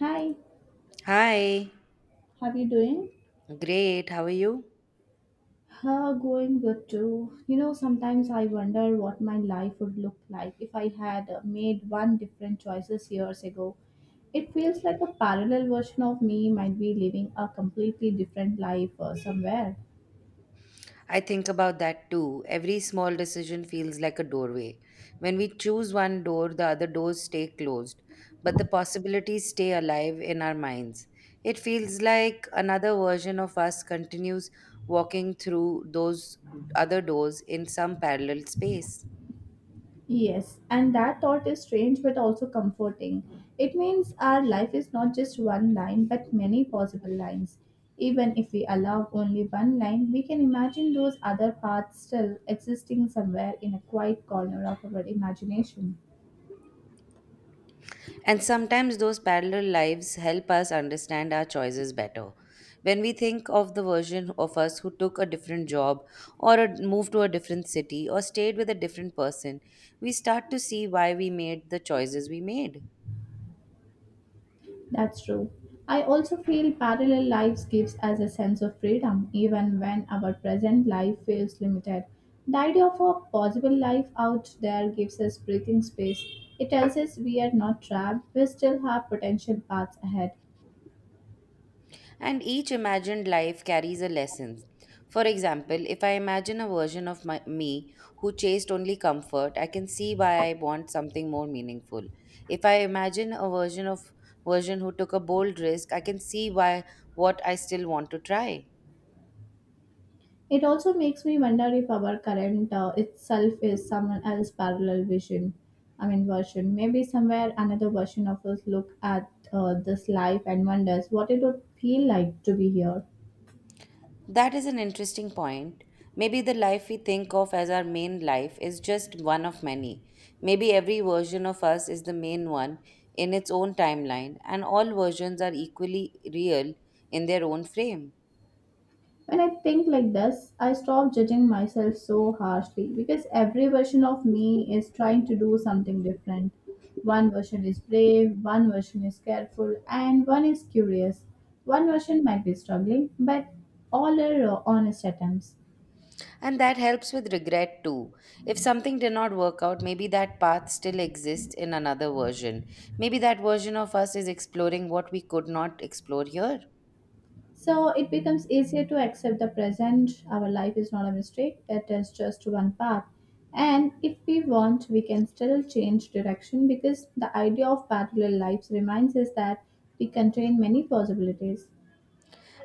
Hi, Hi, how you doing? great. How are you? Going good too. You know, sometimes I wonder what my life would look like if I had made one different choices years ago. It feels like a parallel version of me might be living a completely different life somewhere. I think about that too. Every small decision feels like a doorway. When we choose one door, the other doors stay closed, but the possibilities stay alive in our minds. It feels like another version of us continues walking through those other doors in some parallel space. Yes, and that thought is strange but also comforting. It means our life is not just one line but many possible lines. Even if we allow only one line, we can imagine those other paths still existing somewhere in a quiet corner of our imagination. And sometimes those parallel lives help us understand our choices better. When we think of the version of us who took a different job or moved to a different city or stayed with a different person, we start to see why we made the choices we made. That's true. I also feel parallel lives gives us a sense of freedom even when our present life feels limited. The idea of a possible life out there gives us breathing space. It tells us we are not trapped, we still have potential paths ahead. And each imagined life carries a lesson. For example, if I imagine a version of me who chased only comfort, I can see why I want something more meaningful. If I imagine a version who took a bold risk, I can see why what I still want to try. It also makes me wonder if our current itself is someone else's parallel vision. I mean, version. Maybe somewhere another version of us look at this life and wonders what it would feel like to be here. That is an interesting point. Maybe the life we think of as our main life is just one of many. Maybe every version of us is the main one in its own timeline, and all versions are equally real in their own frame. When I think like this, I stop judging myself so harshly because every version of me is trying to do something different. One version is brave, one version is careful, and one is curious. One version might be struggling, but all are honest attempts. And that helps with regret too. If something did not work out, maybe that path still exists in another version. Maybe that version of us is exploring what we could not explore here. So it becomes easier to accept the present. Our life is not a mistake, it is just one path. And if we want, we can still change direction because the idea of parallel lives reminds us that we contain many possibilities.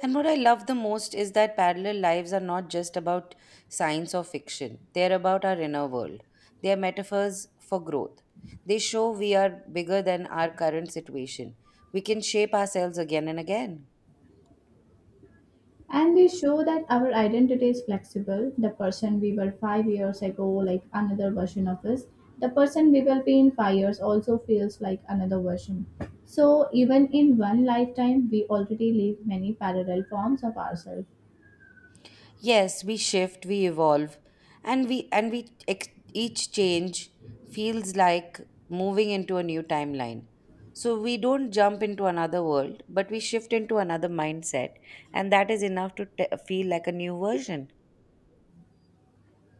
And what I love the most is that parallel lives are not just about science or fiction, they're about our inner world. They are metaphors for growth. They show we are bigger than our current situation. We can shape ourselves again and again. And they show that our identity is flexible. The person we were 5 years ago, like another version of us, the person we will be in 5 years also feels like another version. So, even in one lifetime, we already live many parallel forms of ourselves. Yes, we shift, we evolve, and we each change feels like moving into a new timeline. So we don't jump into another world, but we shift into another mindset, and that is enough to feel like a new version.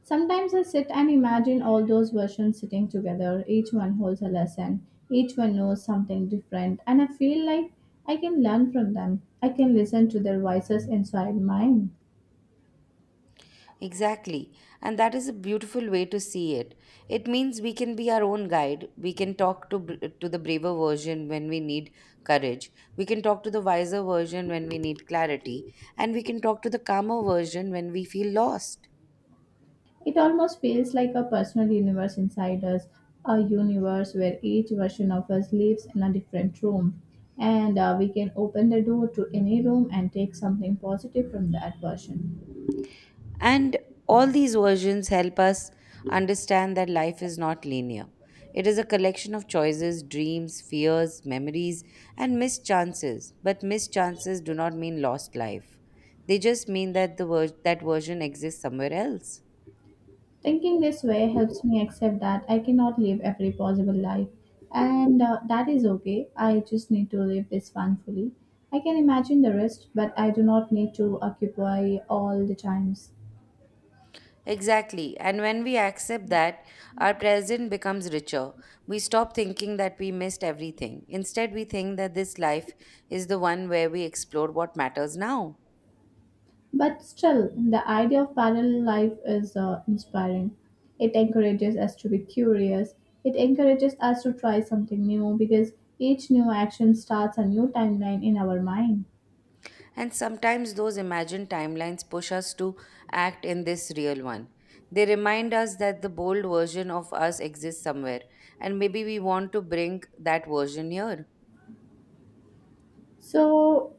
Sometimes I sit and imagine all those versions sitting together. Each one holds a lesson, each one knows something different, and I feel like I can learn from them. I can listen to their voices inside mine. Exactly. And that is a beautiful way to see it. It means we can be our own guide. We can talk to to the braver version when we need courage. We can talk to the wiser version when we need clarity, and we can talk to the calmer version when we feel lost. It almost feels like a personal universe inside us, a universe where each version of us lives in a different room. And we can open the door to any room and take something positive from that version. And all these versions help us understand that life is not linear. It is a collection of choices, dreams, fears, memories, and missed chances. But missed chances do not mean lost life. They just mean that that version exists somewhere else. Thinking this way helps me accept that I cannot live every possible life, and that is okay. I just need to live this one fully. I can imagine the rest, but I do not need to occupy all the times. Exactly. And when we accept that, our present becomes richer. We stop thinking that we missed everything. Instead, we think that this life is the one where we explore what matters now. But still, the idea of parallel life is inspiring. It encourages us to be curious. It encourages us to try something new because each new action starts a new timeline in our mind. And sometimes those imagined timelines push us to act in this real one. They remind us that the bold version of us exists somewhere, and maybe we want to bring that version here. So,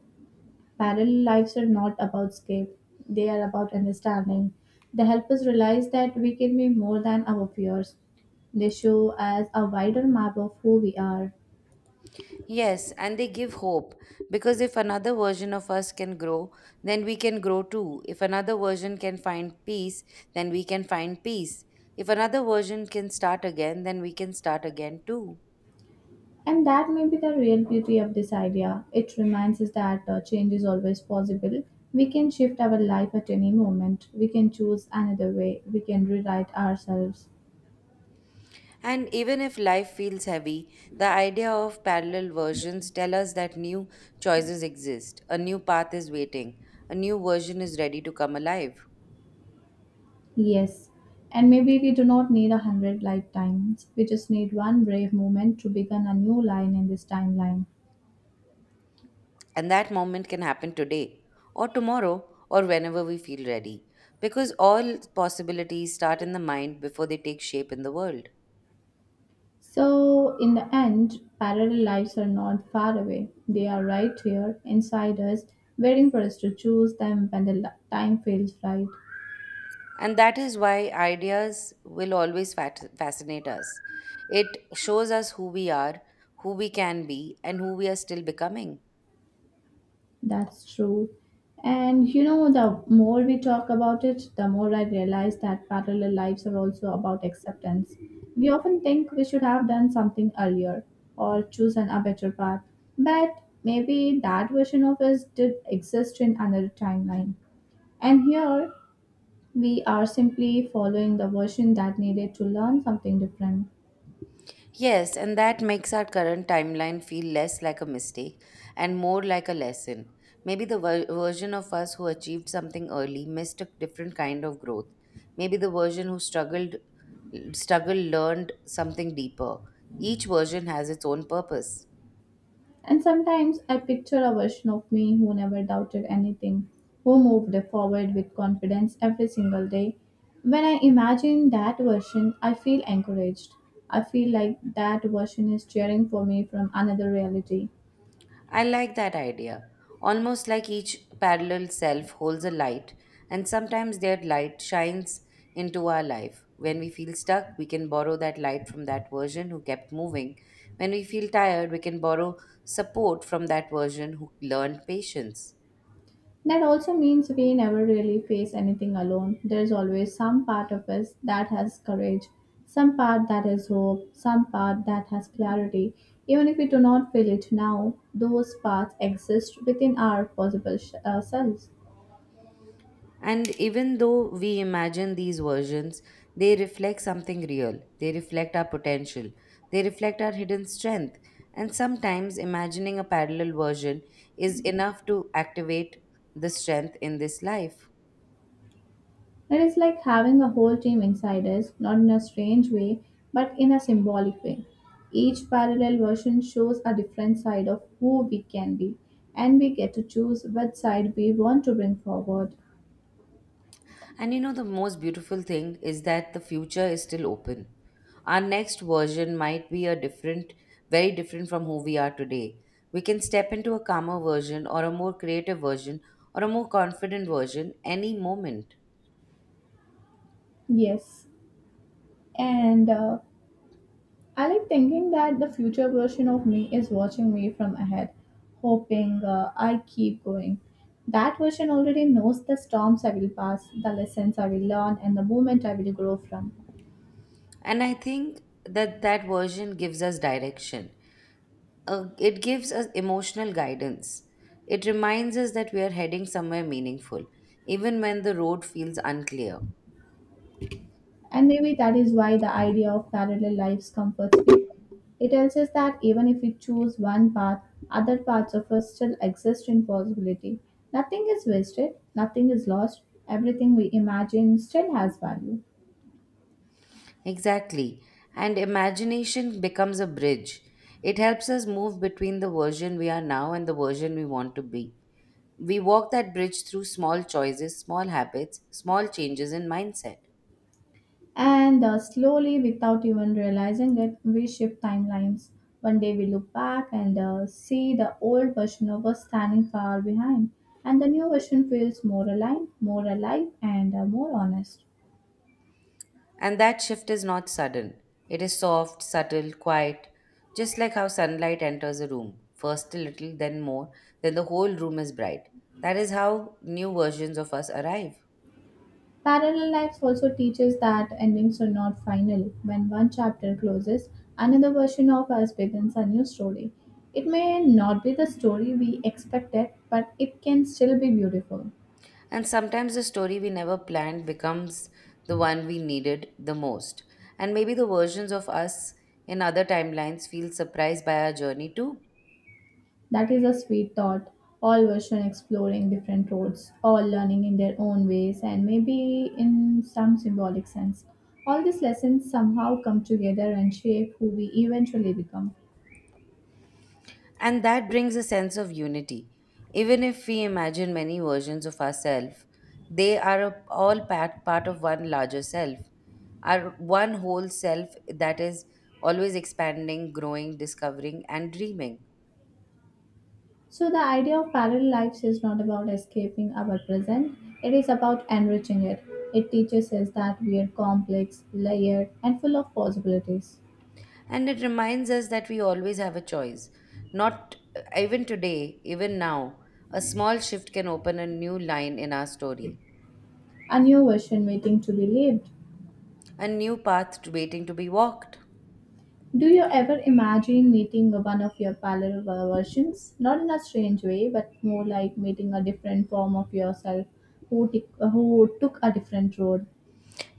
parallel lives are not about escape, they are about understanding. They help us realize that we can be more than our fears. They show us a wider map of who we are. Yes, and they give hope because if another version of us can grow, then we can grow too. If another version can find peace, then we can find peace. If another version can start again, then we can start again too. And that may be the real beauty of this idea. It reminds us that change is always possible. We can shift our life at any moment. We can choose another way. We can rewrite ourselves. And even if life feels heavy, the idea of parallel versions tell us that new choices exist, a new path is waiting, a new version is ready to come alive. Yes. And maybe we do not need a hundred lifetimes. We just need one brave moment to begin a new line in this timeline. And that moment can happen today, or tomorrow, or whenever we feel ready. Because all possibilities start in the mind before they take shape in the world. So, in the end, parallel lives are not far away. They are right here, inside us, waiting for us to choose them when the time feels right. And that is why ideas will always fascinate us. It shows us who we are, who we can be, and who we are still becoming. That's true. And you know, the more we talk about it, the more I realize that parallel lives are also about acceptance. We often think we should have done something earlier or chosen a better path, but maybe that version of us did exist in another timeline. And here, we are simply following the version that needed to learn something different. Yes, and that makes our current timeline feel less like a mistake and more like a lesson. Maybe the version of us who achieved something early missed a different kind of growth. Maybe the version who struggled learned something deeper. Each version has its own purpose. And sometimes I picture a version of me who never doubted anything, who moved forward with confidence every single day. When I imagine that version, I feel encouraged. I feel like that version is cheering for me from another reality. I like that idea. Almost like each parallel self holds a light, and sometimes their light shines into our life. When we feel stuck, we can borrow that light from that version who kept moving. When we feel tired, we can borrow support from that version who learned patience. That also means we never really face anything alone. There's always some part of us that has courage, some part that has hope, some part that has clarity. Even if we do not feel it now, those parts exist within our possible selves. And even though we imagine these versions, they reflect something real. They reflect our potential. They reflect our hidden strength. And sometimes imagining a parallel version is enough to activate the strength in this life. It is like having a whole team inside us, not in a strange way, but in a symbolic way. Each parallel version shows a different side of who we can be, and we get to choose which side we want to bring forward. And you know, the most beautiful thing is that the future is still open. Our next version might be very different from who we are today. We can step into a calmer version or a more creative version or a more confident version any moment. Yes, and I like thinking that the future version of me is watching me from ahead, hoping I keep going. That version already knows the storms I will pass, the lessons I will learn, and the moment I will grow from. And I think that version gives us direction. It gives us emotional guidance. It reminds us that we are heading somewhere meaningful, even when the road feels unclear. And maybe that is why the idea of parallel lives comforts people. It tells us that even if we choose one path, other parts of us still exist in possibility. Nothing is wasted, nothing is lost, everything we imagine still has value. Exactly. And imagination becomes a bridge. It helps us move between the version we are now and the version we want to be. We walk that bridge through small choices, small habits, small changes in mindset. And slowly, without even realizing it, we shift timelines. One day we look back and see the old version of us standing far behind, and the new version feels more aligned, more alive, and more honest. And that shift is not sudden. It is soft, subtle, quiet, just like how sunlight enters a room, first a little, then more, then the whole room is bright. That is how new versions of us arrive. Parallel lives also teaches that endings are not final. When one chapter closes, another version of us begins a new story. It may not be the story we expected, but it can still be beautiful. And sometimes the story we never planned becomes the one we needed the most. And maybe the versions of us in other timelines feel surprised by our journey too. That is a sweet thought. All version exploring different roads, all learning in their own ways, and maybe in some symbolic sense. All these lessons somehow come together and shape who we eventually become. And that brings a sense of unity. Even if we imagine many versions of ourselves, they are part of one larger self, our one whole self that is always expanding, growing, discovering, and dreaming. So, the idea of parallel lives is not about escaping our present, it is about enriching it. It teaches us that we are complex, layered, and full of possibilities. And it reminds us that we always have a choice. Not even today, even now, a small shift can open a new line in our story, A new version waiting to be lived. a new path to waiting to be walked. Do you ever imagine meeting one of your parallel versions? Not in a strange way, but more like meeting a different form of yourself who, who took a different road.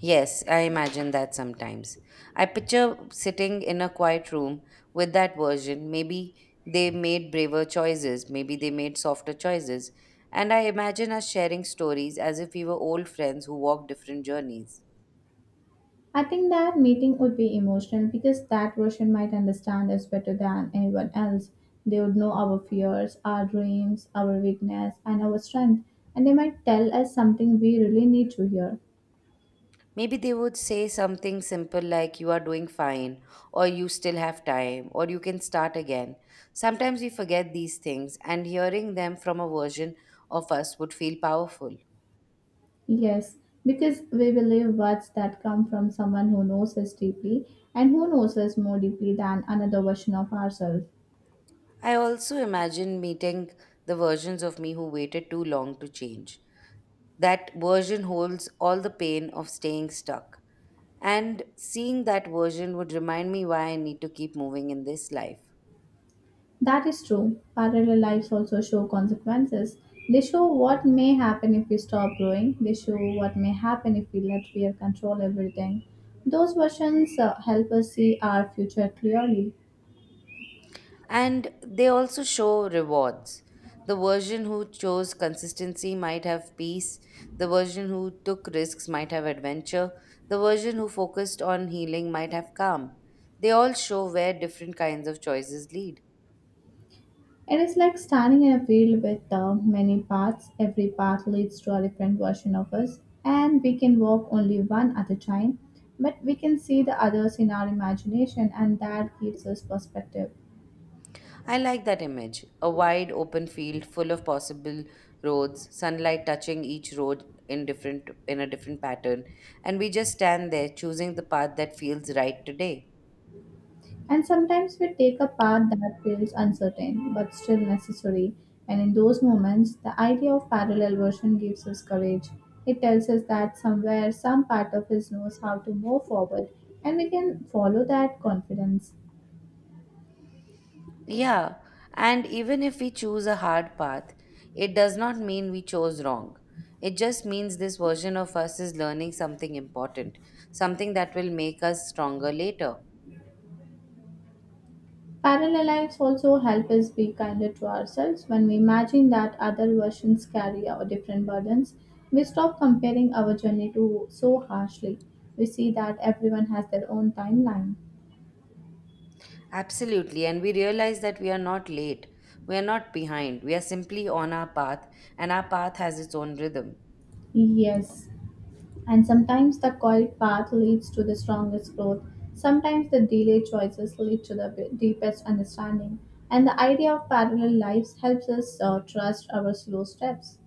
Yes, I imagine that sometimes. I picture sitting in a quiet room with that version. Maybe they made braver choices, maybe they made softer choices. And I imagine us sharing stories as if we were old friends who walked different journeys. I think that meeting would be emotional because that version might understand us better than anyone else. They would know our fears, our dreams, our weakness, and our strength, and they might tell us something we really need to hear. Maybe they would say something simple like, "You are doing fine," or "You still have time," or "You can start again." Sometimes we forget these things, and hearing them from a version of us would feel powerful. Yes, because we believe words that come from someone who knows us deeply and who knows us more deeply than another version of ourselves. I also imagine meeting the versions of me who waited too long to change. That version holds all the pain of staying stuck. And seeing that version would remind me why I need to keep moving in this life. That is true. Parallel lives also show consequences. They show what may happen if we stop growing, they show what may happen if we let fear control everything. Those versions help us see our future clearly. And they also show rewards. The version who chose consistency might have peace. The version who took risks might have adventure. The version who focused on healing might have calm. They all show where different kinds of choices lead. It is like standing in a field with many paths. Every path leads to a different version of us, and we can walk only one at a time, but we can see the others in our imagination, and that gives us perspective. I like that image. A wide open field full of possible roads, sunlight touching each road in a different pattern, and we just stand there choosing the path that feels right today. And sometimes we take a path that feels uncertain but still necessary, and in those moments, the idea of parallel version gives us courage. It tells us that somewhere some part of us knows how to move forward, and we can follow that confidence. Yeah, and even if we choose a hard path, it does not mean we chose wrong. It just means this version of us is learning something important, something that will make us stronger later. Parallel lives also help us be kinder to ourselves. When we imagine that other versions carry our different burdens, we stop comparing our journey to so harshly. We see that everyone has their own timeline. Absolutely, and we realize that we are not late. We are not behind. We are simply on our path, and our path has its own rhythm. Yes, and sometimes the quiet path leads to the strongest growth. Sometimes the delayed choices lead to the deepest understanding. And the idea of parallel lives helps us trust our slow steps.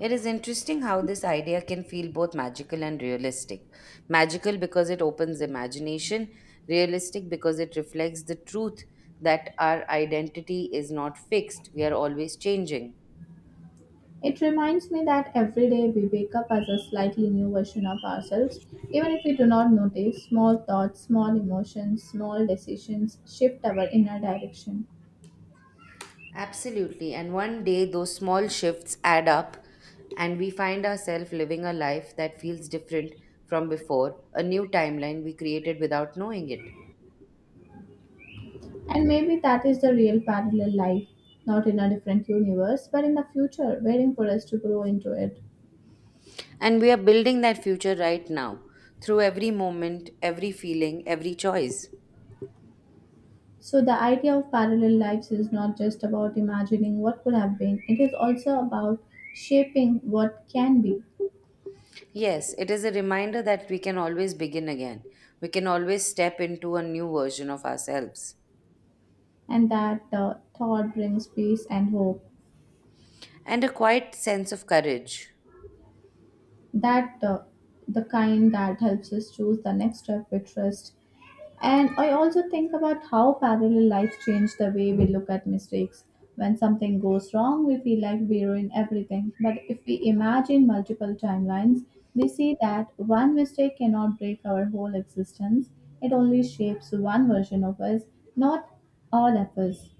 It is interesting how this idea can feel both magical and realistic. Magical because it opens imagination, realistic because it reflects the truth that our identity is not fixed, we are always changing. It reminds me that every day we wake up as a slightly new version of ourselves, even if we do not notice. Small thoughts, small emotions, small decisions shift our inner direction. Absolutely. And one day those small shifts add up, and we find ourselves living a life that feels different from before, a new timeline we created without knowing it. And maybe that is the real parallel life, not in a different universe, but in the future, waiting for us to grow into it. And we are building that future right now through every moment, every feeling, every choice. So, the idea of parallel lives is not just about imagining what could have been, it is also about shaping what can be, Yes, it is a reminder that we can always begin again. We can always step into a new version of ourselves. and that thought brings peace and hope. And a quiet sense of courage. That the kind that helps us choose the next step with trust. And I also think about how parallel lives change the way we look at mistakes. When something goes wrong, we feel like we ruin everything. But if we imagine multiple timelines, we see that one mistake cannot break our whole existence. It only shapes one version of us, not all of us.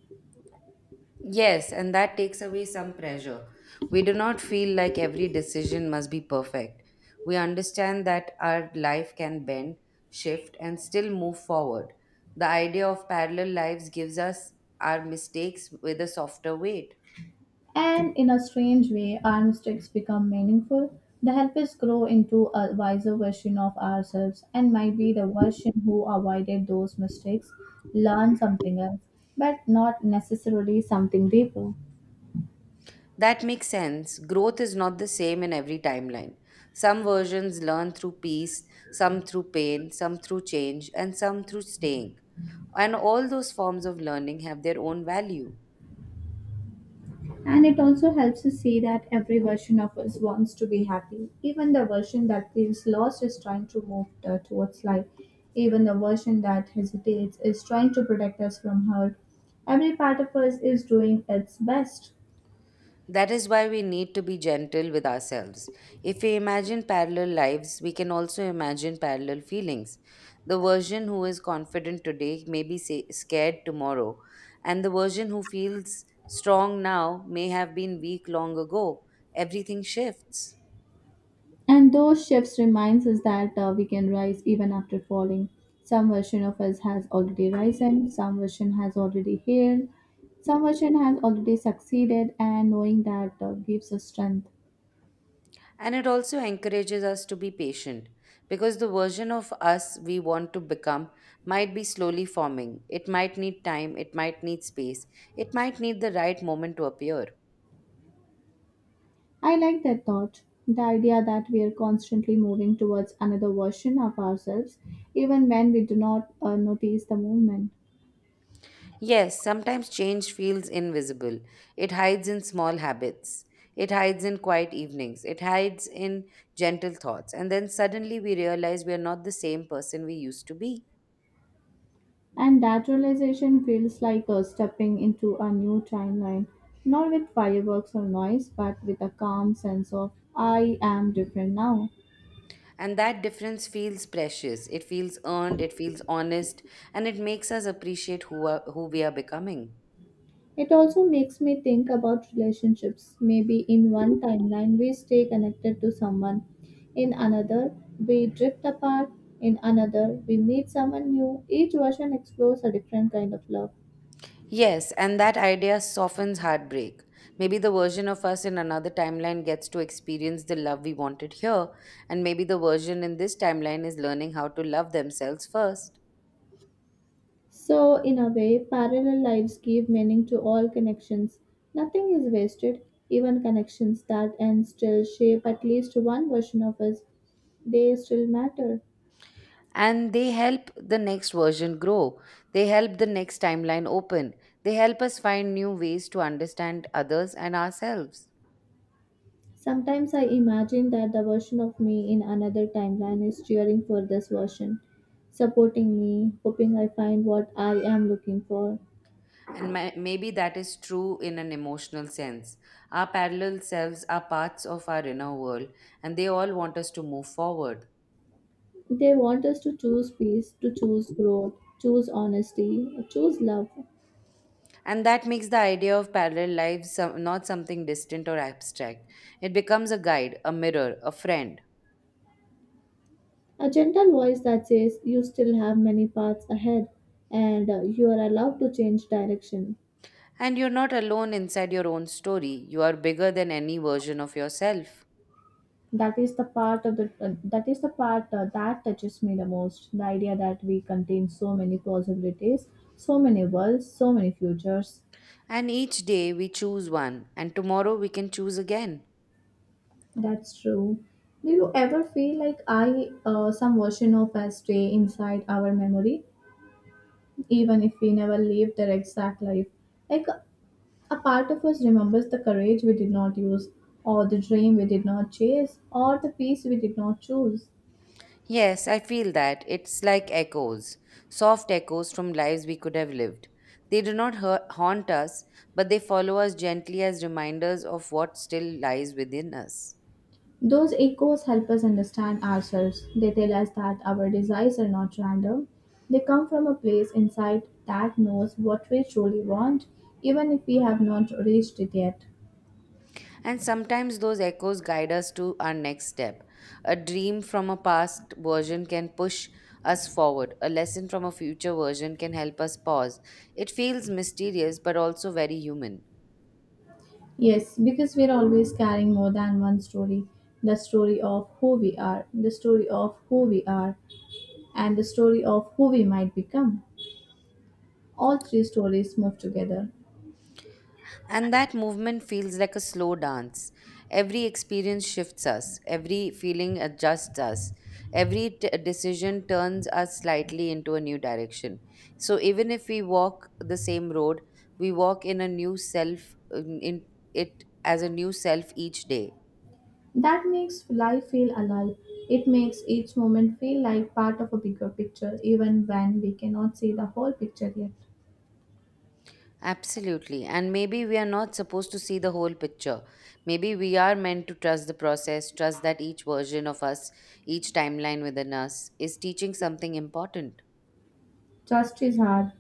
Yes, and that takes away some pressure. We do not feel like every decision must be perfect. We understand that our life can bend, shift, and still move forward. The idea of parallel lives gives us our mistakes with a softer weight. And in a strange way, our mistakes become meaningful. They help us grow into a wiser version of ourselves, and maybe the version who avoided those mistakes learn something else, but not necessarily something deeper. That makes sense. Growth is not the same in every timeline. Some versions learn through peace, some through pain, some through change, and some through staying. And all those forms of learning have their own value. And it also helps us see that every version of us wants to be happy. Even the version that feels lost is trying to move towards life. Even the version that hesitates is trying to protect us from hurt. Every part of us is doing its best. That is why we need to be gentle with ourselves. If we imagine parallel lives, we can also imagine parallel feelings. The version who is confident today may be scared tomorrow, and the version who feels strong now may have been weak long ago. Everything shifts. And those shifts reminds us that we can rise even after falling. Some version of us has already risen, some version has already healed, some version has already succeeded, and knowing that gives us strength. And it also encourages us to be patient because the version of us we want to become might be slowly forming. It might need time, it might need space, it might need the right moment to appear. I like that thought. The idea that we are constantly moving towards another version of ourselves, even when we do not notice the movement. Yes, sometimes change feels invisible. It hides in small habits. It hides in quiet evenings. It hides in gentle thoughts. And then suddenly we realize we are not the same person we used to be. And that realization feels like a stepping into a new timeline, not with fireworks or noise, but with a calm sense of I am different now. And that difference feels precious. It feels earned. It feels honest. And it makes us appreciate who we are becoming. It also makes me think about relationships. Maybe in one timeline we stay connected to someone, in another we drift apart, in another we meet someone new. Each version explores a different kind of love. Yes, and that idea softens heartbreak. Maybe the version of us in another timeline gets to experience the love we wanted here, and maybe the version in this timeline is learning how to love themselves first. So, in a way, parallel lives give meaning to all connections. Nothing is wasted, even connections that end still shape at least one version of us. They still matter. And they help the next version grow, they help the next timeline open, they help us find new ways to understand others and ourselves. Sometimes I imagine that the version of me in another timeline is cheering for this version, supporting me, hoping I find what I am looking for. And maybe that is true in an emotional sense. Our parallel selves are parts of our inner world, and they all want us to move forward. They want us to choose peace, to choose growth, choose honesty, choose love. And that makes the idea of parallel lives not something distant or abstract. It becomes a guide, a mirror, a friend. A gentle voice that says, You still have many paths ahead and you are allowed to change direction. And you're not alone inside your own story. You are bigger than any version of yourself. That is the part that touches me the most. The idea that we contain so many possibilities, so many worlds, so many futures. And each day we choose one, and tomorrow we can choose again. That's true. Do you ever feel like some version of us, stay inside our memory, even if we never lived their exact life? Like a part of us remembers the courage we did not use, or the dream we did not chase, or the peace we did not choose. Yes, I feel that. It's like echoes, soft echoes from lives we could have lived. They do not haunt us, but they follow us gently as reminders of what still lies within us. Those echoes help us understand ourselves. They tell us that our desires are not random. They come from a place inside that knows what we truly want, even if we have not reached it yet. And sometimes those echoes guide us to our next step. A dream from a past version can push us forward, a lesson from a future version can help us pause. It feels mysterious but also very human. Yes, because we're always carrying more than one story, the story of who we are, and the story of who we might become. All three stories move together. And that movement feels like a slow dance. Every experience shifts us, every feeling adjusts us, decision turns us slightly into a new direction. So even if we walk the same road, we walk in a new self, in it as a new self each day. That makes life feel alive. It makes each moment feel like part of a bigger picture, even when we cannot see the whole picture yet. Absolutely. And maybe we are not supposed to see the whole picture. Maybe we are meant to trust the process, trust that each version of us, each timeline within us, is teaching something important. Trust is hard,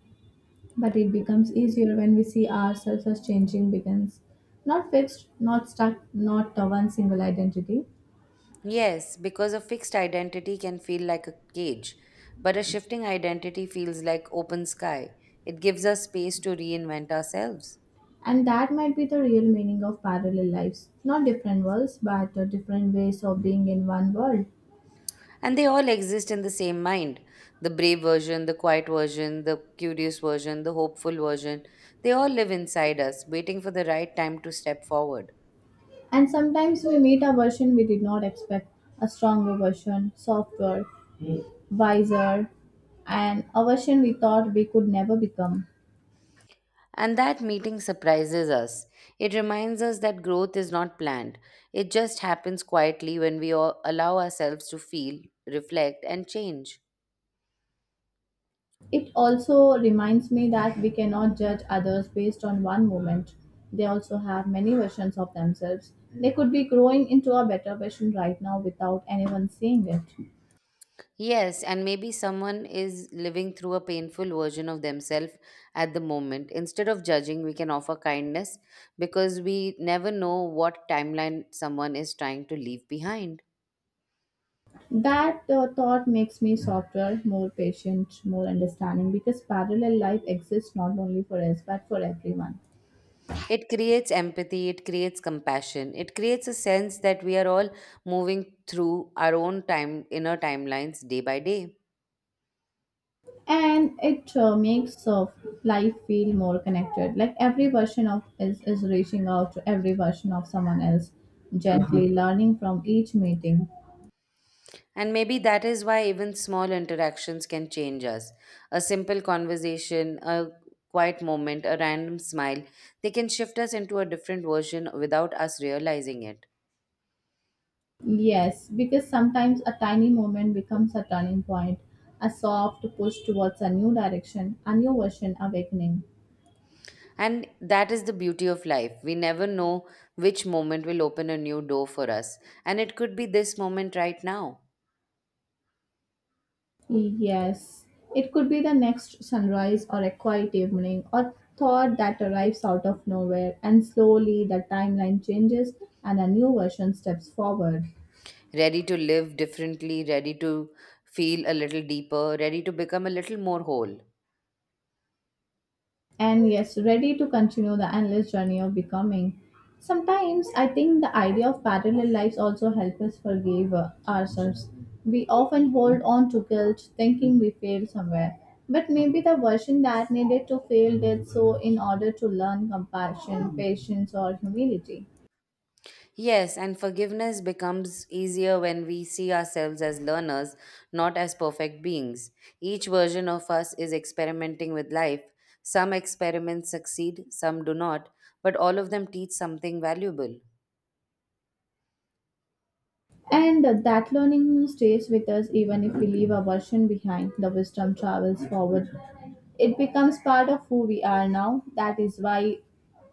but it becomes easier when we see ourselves as changing begins. Not fixed, not stuck, not the one single identity. Yes, because a fixed identity can feel like a cage, but a shifting identity feels like open sky. It gives us space to reinvent ourselves. And that might be the real meaning of parallel lives. Not different worlds, but different ways of being in one world. And they all exist in the same mind, the brave version, the quiet version, the curious version, the hopeful version. They all live inside us, waiting for the right time to step forward. And sometimes we meet a version we did not expect, a stronger version, softer, wiser, and a version we thought we could never become. And that meeting surprises us. It reminds us that growth is not planned, it just happens quietly when we all allow ourselves to feel, reflect, and change. It also reminds me that we cannot judge others based on one moment. They also have many versions of themselves. They could be growing into a better version right now without anyone seeing it. Yes, and maybe someone is living through a painful version of themselves at the moment. Instead of judging, we can offer kindness because we never know what timeline someone is trying to leave behind. That thought makes me softer, more patient, more understanding because parallel life exists not only for us but for everyone. It creates empathy, it creates compassion, it creates a sense that we are all moving through our own time inner timelines day by day. And it makes of life feel more connected, like every version of is reaching out to every version of someone else. Mhm. Gently learning from each meeting. And maybe that is why even small interactions can change us. A simple conversation, a quiet moment, a random smile, they can shift us into a different version without us realizing it. Yes, because sometimes a tiny moment becomes a turning point, a soft push towards a new direction, a new version awakening. And that is the beauty of life. We never know which moment will open a new door for us. And it could be this moment right now. Yes, it could be the next sunrise or a quiet evening or thought that arrives out of nowhere, and slowly the timeline changes and a new version steps forward. Ready to live differently, ready to feel a little deeper, ready to become a little more whole. And yes, ready to continue the endless journey of becoming. Sometimes I think the idea of parallel lives also helps us forgive ourselves. We often hold on to guilt, thinking we failed somewhere. But maybe the version that needed to fail did so in order to learn compassion, patience, or humility. Yes, and forgiveness becomes easier when we see ourselves as learners, not as perfect beings. Each version of us is experimenting with life. Some experiments succeed, some do not, but all of them teach something valuable. And that learning stays with us even if we leave a version behind. The wisdom travels forward. It becomes part of who we are now. That is why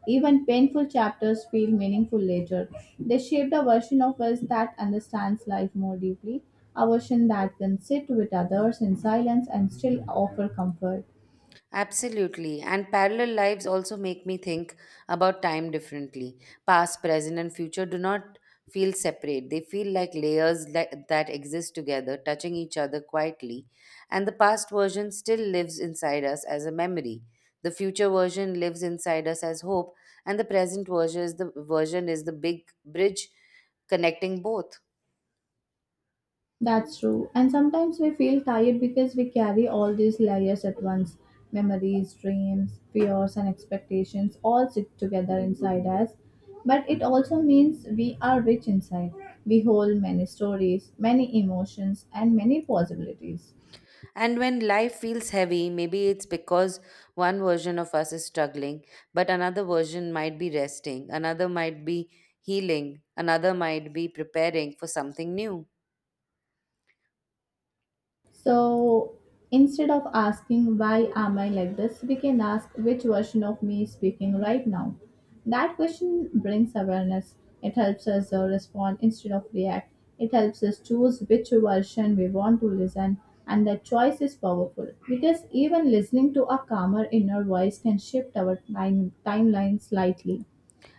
even painful chapters feel meaningful later. They shape the version of us that understands life more deeply, a version that can sit with others in silence and still offer comfort. Absolutely. And parallel lives also make me think about time differently. Past, present, and future do not feel separate. They feel like layers that exist together, touching each other quietly. And the past version still lives inside us as a memory. The future version lives inside us as hope, and the present version is the big bridge connecting both. That's true. And sometimes we feel tired because we carry all these layers at once, memories, dreams, fears, and expectations all sit together inside us. But it also means we are rich inside. We hold many stories, many emotions, and many possibilities. And when life feels heavy, maybe it's because one version of us is struggling, but another version might be resting, another might be healing, another might be preparing for something new. So instead of asking, why am I like this, we can ask, which version of me is speaking right now? That question brings awareness. It helps us respond instead of react. It helps us choose which version we want to listen, and that choice is powerful because even listening to a calmer inner voice can shift our timeline slightly.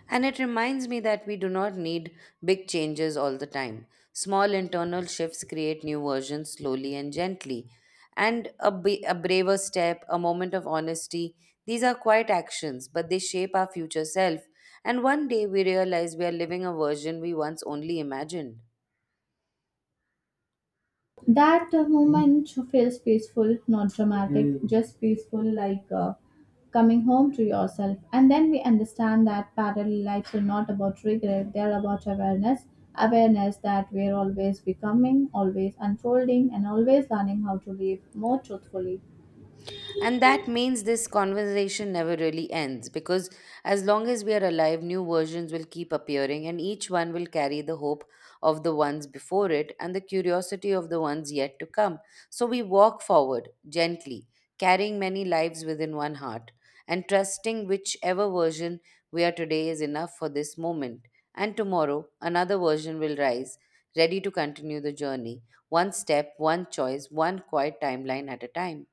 And it reminds me that we do not need big changes all the time. Small internal shifts create new versions slowly and gently. And a braver step, a moment of honesty, these are quiet actions, but they shape our future self. And one day we realize we are living a version we once only imagined. That moment feels peaceful, not dramatic. Mm. Just peaceful, like coming home to yourself. And then we understand that parallel lives are not about regret, they're about awareness. Awareness that we're always becoming, always unfolding, and always learning how to live more truthfully. And that means this conversation never really ends because as long as we are alive, new versions will keep appearing and each one will carry the hope of the ones before it and the curiosity of the ones yet to come. So we walk forward gently, carrying many lives within one heart and trusting whichever version we are today is enough for this moment. And tomorrow, another version will rise, ready to continue the journey, one step, one choice, one quiet timeline at a time.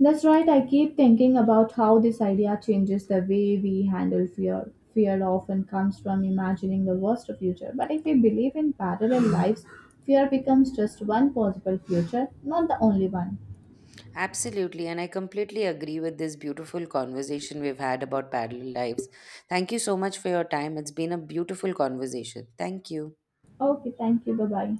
That's right. I keep thinking about how this idea changes the way we handle fear. Fear often comes from imagining the worst future, but if we believe in parallel lives, fear becomes just one possible future, not the only one. Absolutely, and I completely agree with this beautiful conversation we've had about parallel lives. Thank you so much for your time. It's been a beautiful conversation. Thank you. Okay, thank you. Bye bye.